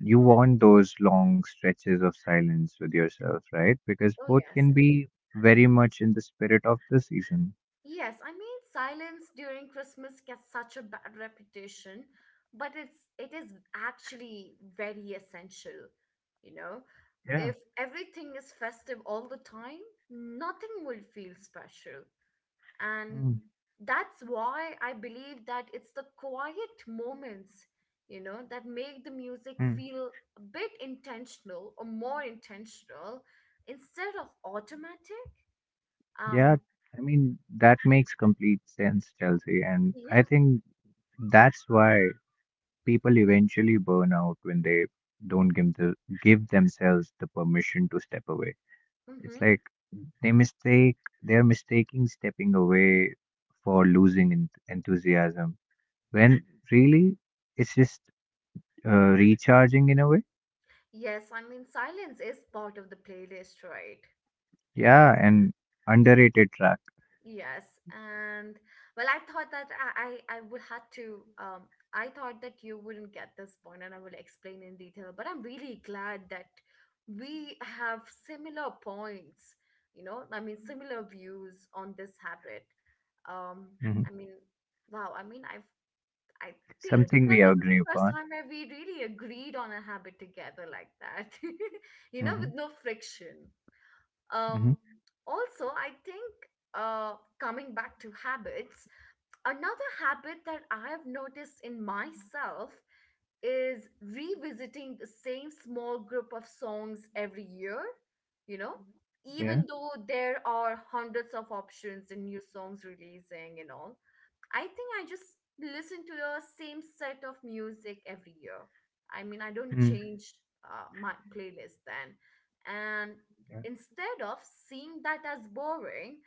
you want those long stretches of silence with yourself, right? Because
Oh,
both
yes.
can be very much in the spirit of the season.
Yes, I mean, silence during Christmas gets such a bad reputation, but it is actually very essential, you know?
Yeah.
If everything is festive all the time, nothing will feel special. And
Mm,
that's why I believe that it's the quiet moments, you know, that make the music
mm.
feel a bit intentional or more intentional instead of automatic. um
Yeah, I mean, that makes complete sense, Chelsea. And
yeah.
I think that's why people eventually burn out when they don't give the give themselves the permission to step away. It's
Mm-hmm.
like they mistake they're mistaking stepping away for losing en enthusiasm when really it's just recharging in a way.
Yes, I mean, silence is part of the playlist, right?
Yeah, an underrated track,
Yes, and well, I thought that I would have to. I thought that you wouldn't get this point, and I will explain in detail. But I'm really glad that we have similar points. You know, I mean, similar views on this habit. Um,
hmm,
I mean, wow. I mean, I think
something we
that this is
agree
the first
upon.
time where we really agreed on a habit together like that. You know,
hmm
with no friction.
hmm
Um, Also, I think coming back to habits, another habit that I have noticed in myself is revisiting the same small group of songs every year, you know,
Yeah,
even though there are hundreds of options and new songs releasing and all. I think I just listen to the same set of music every year. I mean, I don't
mm,
change my playlist then. And
yeah,
instead of seeing that as boring,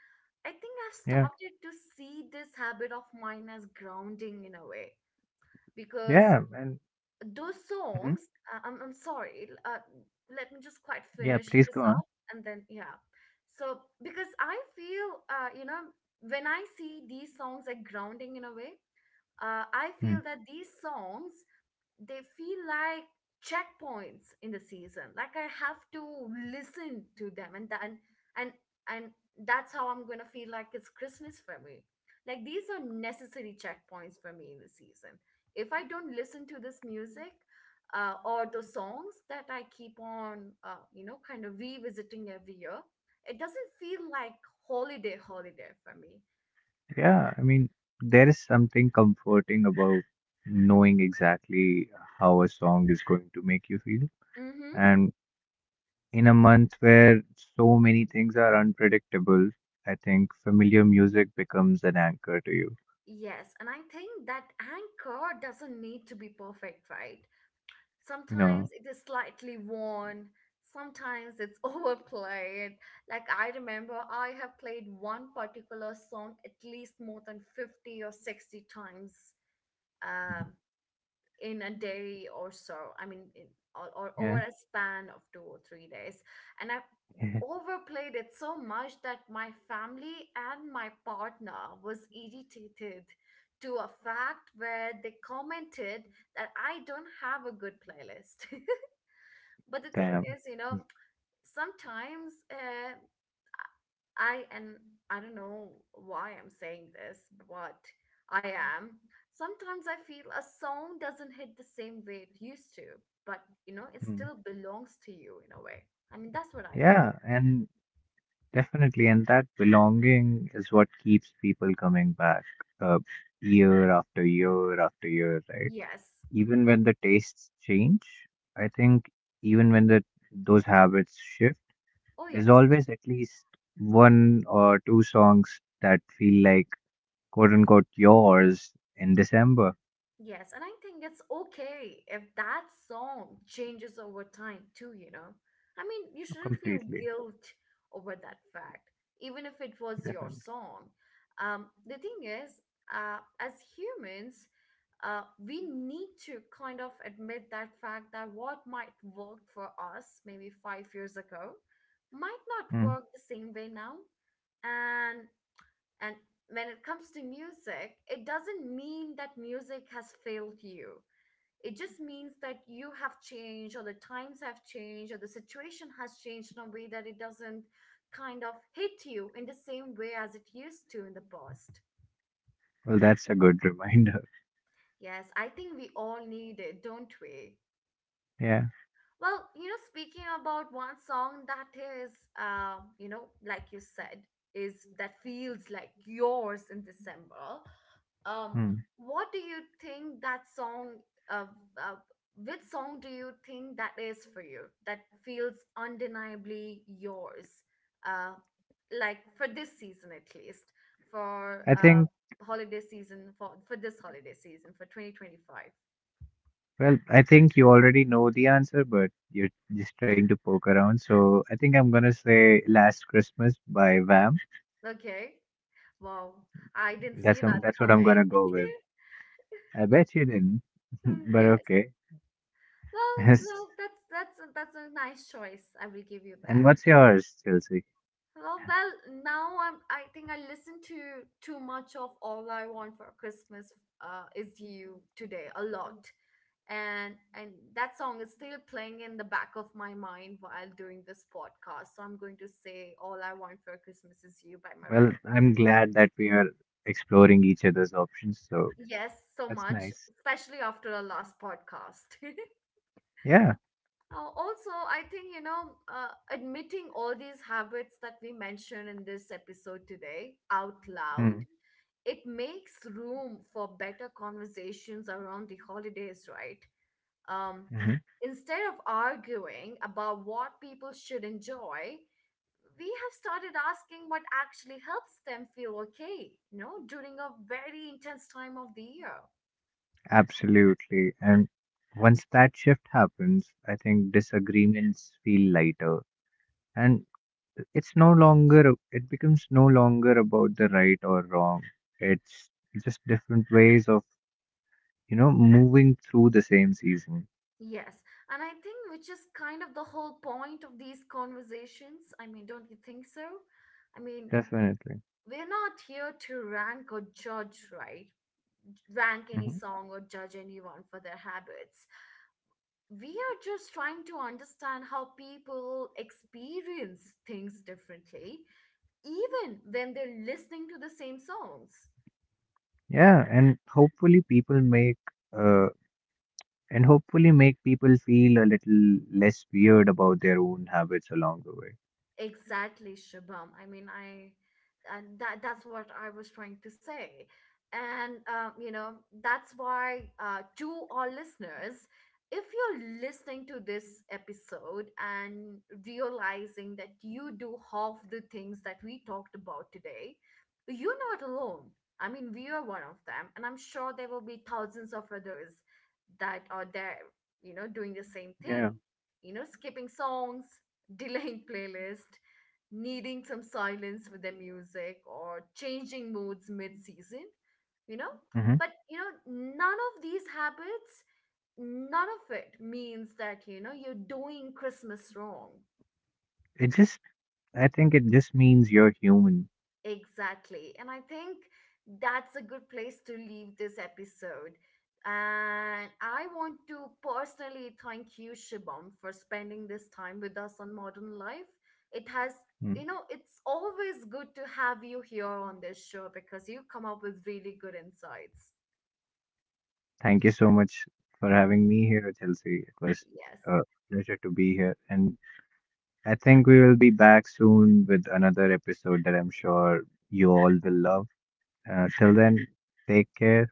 I think I've
yeah.
started to see this habit of mine as grounding in a way because
Yeah, and
those
mhm.
songs, I'm sorry, let me just quite
Yeah,
finish
please
this
go on.
up and then, yeah. So, because I feel, you know, when I see these songs like grounding in a way, I
Mm.
feel that these songs they feel like checkpoints in the season. Like I have to listen to them, and then and and that's how I'm gonna feel like it's Christmas for me. Like these are necessary checkpoints for me in the season. If I don't listen to this music or the songs that I keep on, you know, kind of revisiting every year, it doesn't feel like holiday for me.
Yeah, I mean, there is something comforting about knowing exactly how a song is going to make you feel.
Mm-hmm.
And in a month where so many things are unpredictable, I think familiar music becomes an anchor to you.
Yes, and I think that anchor doesn't need to be perfect, right? Sometimes
No,
it is slightly worn, sometimes it's overplayed. Like I remember I have played one particular song at least more than 50 or 60 times. Um, in a day or so. I mean, in, or over
yeah,
a span of two or three days. And I overplayed it so much that my family and my partner was irritated to a fact where they commented that I don't have a good playlist. But the thing
damn.
is, you know, sometimes I and I don't know why I'm saying this, but I am. Sometimes I feel a song doesn't hit the same way it used to, but you know, it
Mm.
still belongs to you in a way. I mean, that's what I
Yeah,
feel.
and definitely, and that belonging is what keeps people coming back, uh, year after year after year, right?
Yes.
Even when the tastes change, I think, even when the those habits shift,
Oh,
there's
yes.
always at least one or two songs that feel like, quote unquote, yours in December.
Yes, and I think it's okay if that song changes over time too, you know? I mean, you shouldn't feel
Completely
guilt over that fact, even if it was your
different.
song. The thing is, as humans, we need to kind of admit that fact that what might work for us maybe five years ago might not
Mm.
work the same way now. and. And when it comes to music, it doesn't mean that music has failed you. It just means that you have changed, or the times have changed, or the situation has changed in a way that it doesn't kind of hit you in the same way as it used to in the past.
Well, that's a good reminder.
Yes, I think we all need it, don't we?
Yeah.
Well, you know, speaking about one song that is, you know, like you said, is that feels like yours in December. Um,
Hmm.
what do you think that song? Uh, uh, which song do you think that is for you? That feels undeniably yours. Uh, like for this season at least, for
I think.
holiday season for this holiday season for 2025.
Well, I think you already know the answer, but you're just trying to poke around. So I think I'm gonna say "Last Christmas" by Vam.
Okay. Wow, I didn't see that
That's what I'm
coming.
gonna go with. I bet you didn't, but
Yes.
okay.
Well,
Yes.
well, that's that's a nice choice. I will give you
And
that.
what's yours, Chelsea?
Well, now I'm. I think I listened to too much of all I want for Christmas. Is you today a lot, and that song is still playing in the back of my mind while doing this podcast. So I'm going to say all I want for Christmas is you by
Well,
Mariah
I'm
Carey.
glad that we are exploring each other's options, so
Yes, so
that's
much,
nice.
especially after our last podcast.
Yeah,
Also, I think, you know, admitting all these habits that we mentioned in this episode today out loud,
mm,
it makes room for better conversations around the holidays, right? Um,
hmm. Mm-hmm.
Instead of arguing about what people should enjoy, we have started asking what actually helps them feel okay, you know, during a very intense time of the year.
Absolutely. And once that shift happens, I think disagreements feel lighter. And it becomes no longer about the right or wrong. It's just different ways of, you know, moving through the same season.
Yes, and I think which is kind of the whole point of these conversations. I mean, don't you think so? I mean,
Definitely.
we're not here to rank or judge, right? Rank any
Mm-hmm.
song or judge anyone for their habits. We are just trying to understand how people experience things differently, even when they're listening to the same songs.
Yeah, and hopefully uh, make people feel a little less weird about their own habits along the way.
Exactly, Shabam. I mean, I and that that's what I was trying to say. And you know, that's why to our listeners, if you're listening to this episode and realizing that you do half the things that we talked about today, you're not alone. I mean, we are one of them, and I'm sure there will be thousands of others that are there, you know, doing the same
Yeah.
thing. You know, skipping songs, delaying playlist, needing some silence with their music, or changing moods mid season, you know?
Hmm.
But, you know, none of these habits, none of it means that, you know, you're doing Christmas wrong.
It just, I think it just means you're human.
Exactly. And I think that's a good place to leave this episode. And I want to personally thank you, Shibam, for spending this time with us on Modern Life. It has, you
Mm.
know, it's always good to have you here on this show because you come up with really good insights.
Thank you so much for having me here, Chelsea. It was
Yes.
a pleasure to be here, and I think we will be back soon with another episode that I'm sure you all will love. Till then, take care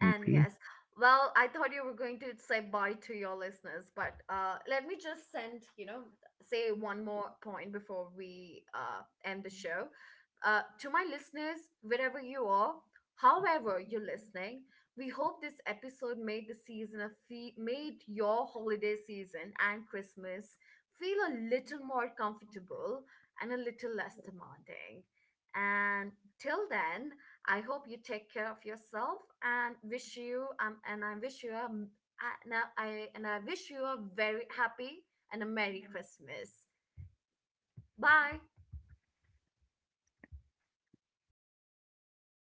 and
And
peace.
yes, well, I thought you were going to say bye to your listeners, but let me just send, you know, say one more point before we end the show. To my listeners, wherever you are, however you're listening, we hope this episode made the season of fe- made your holiday season and Christmas feel a little more comfortable and a little less demanding. And till then, I hope you take care of yourself and wish you and I wish you a I- and I wish you a very happy and a merry Christmas. Bye.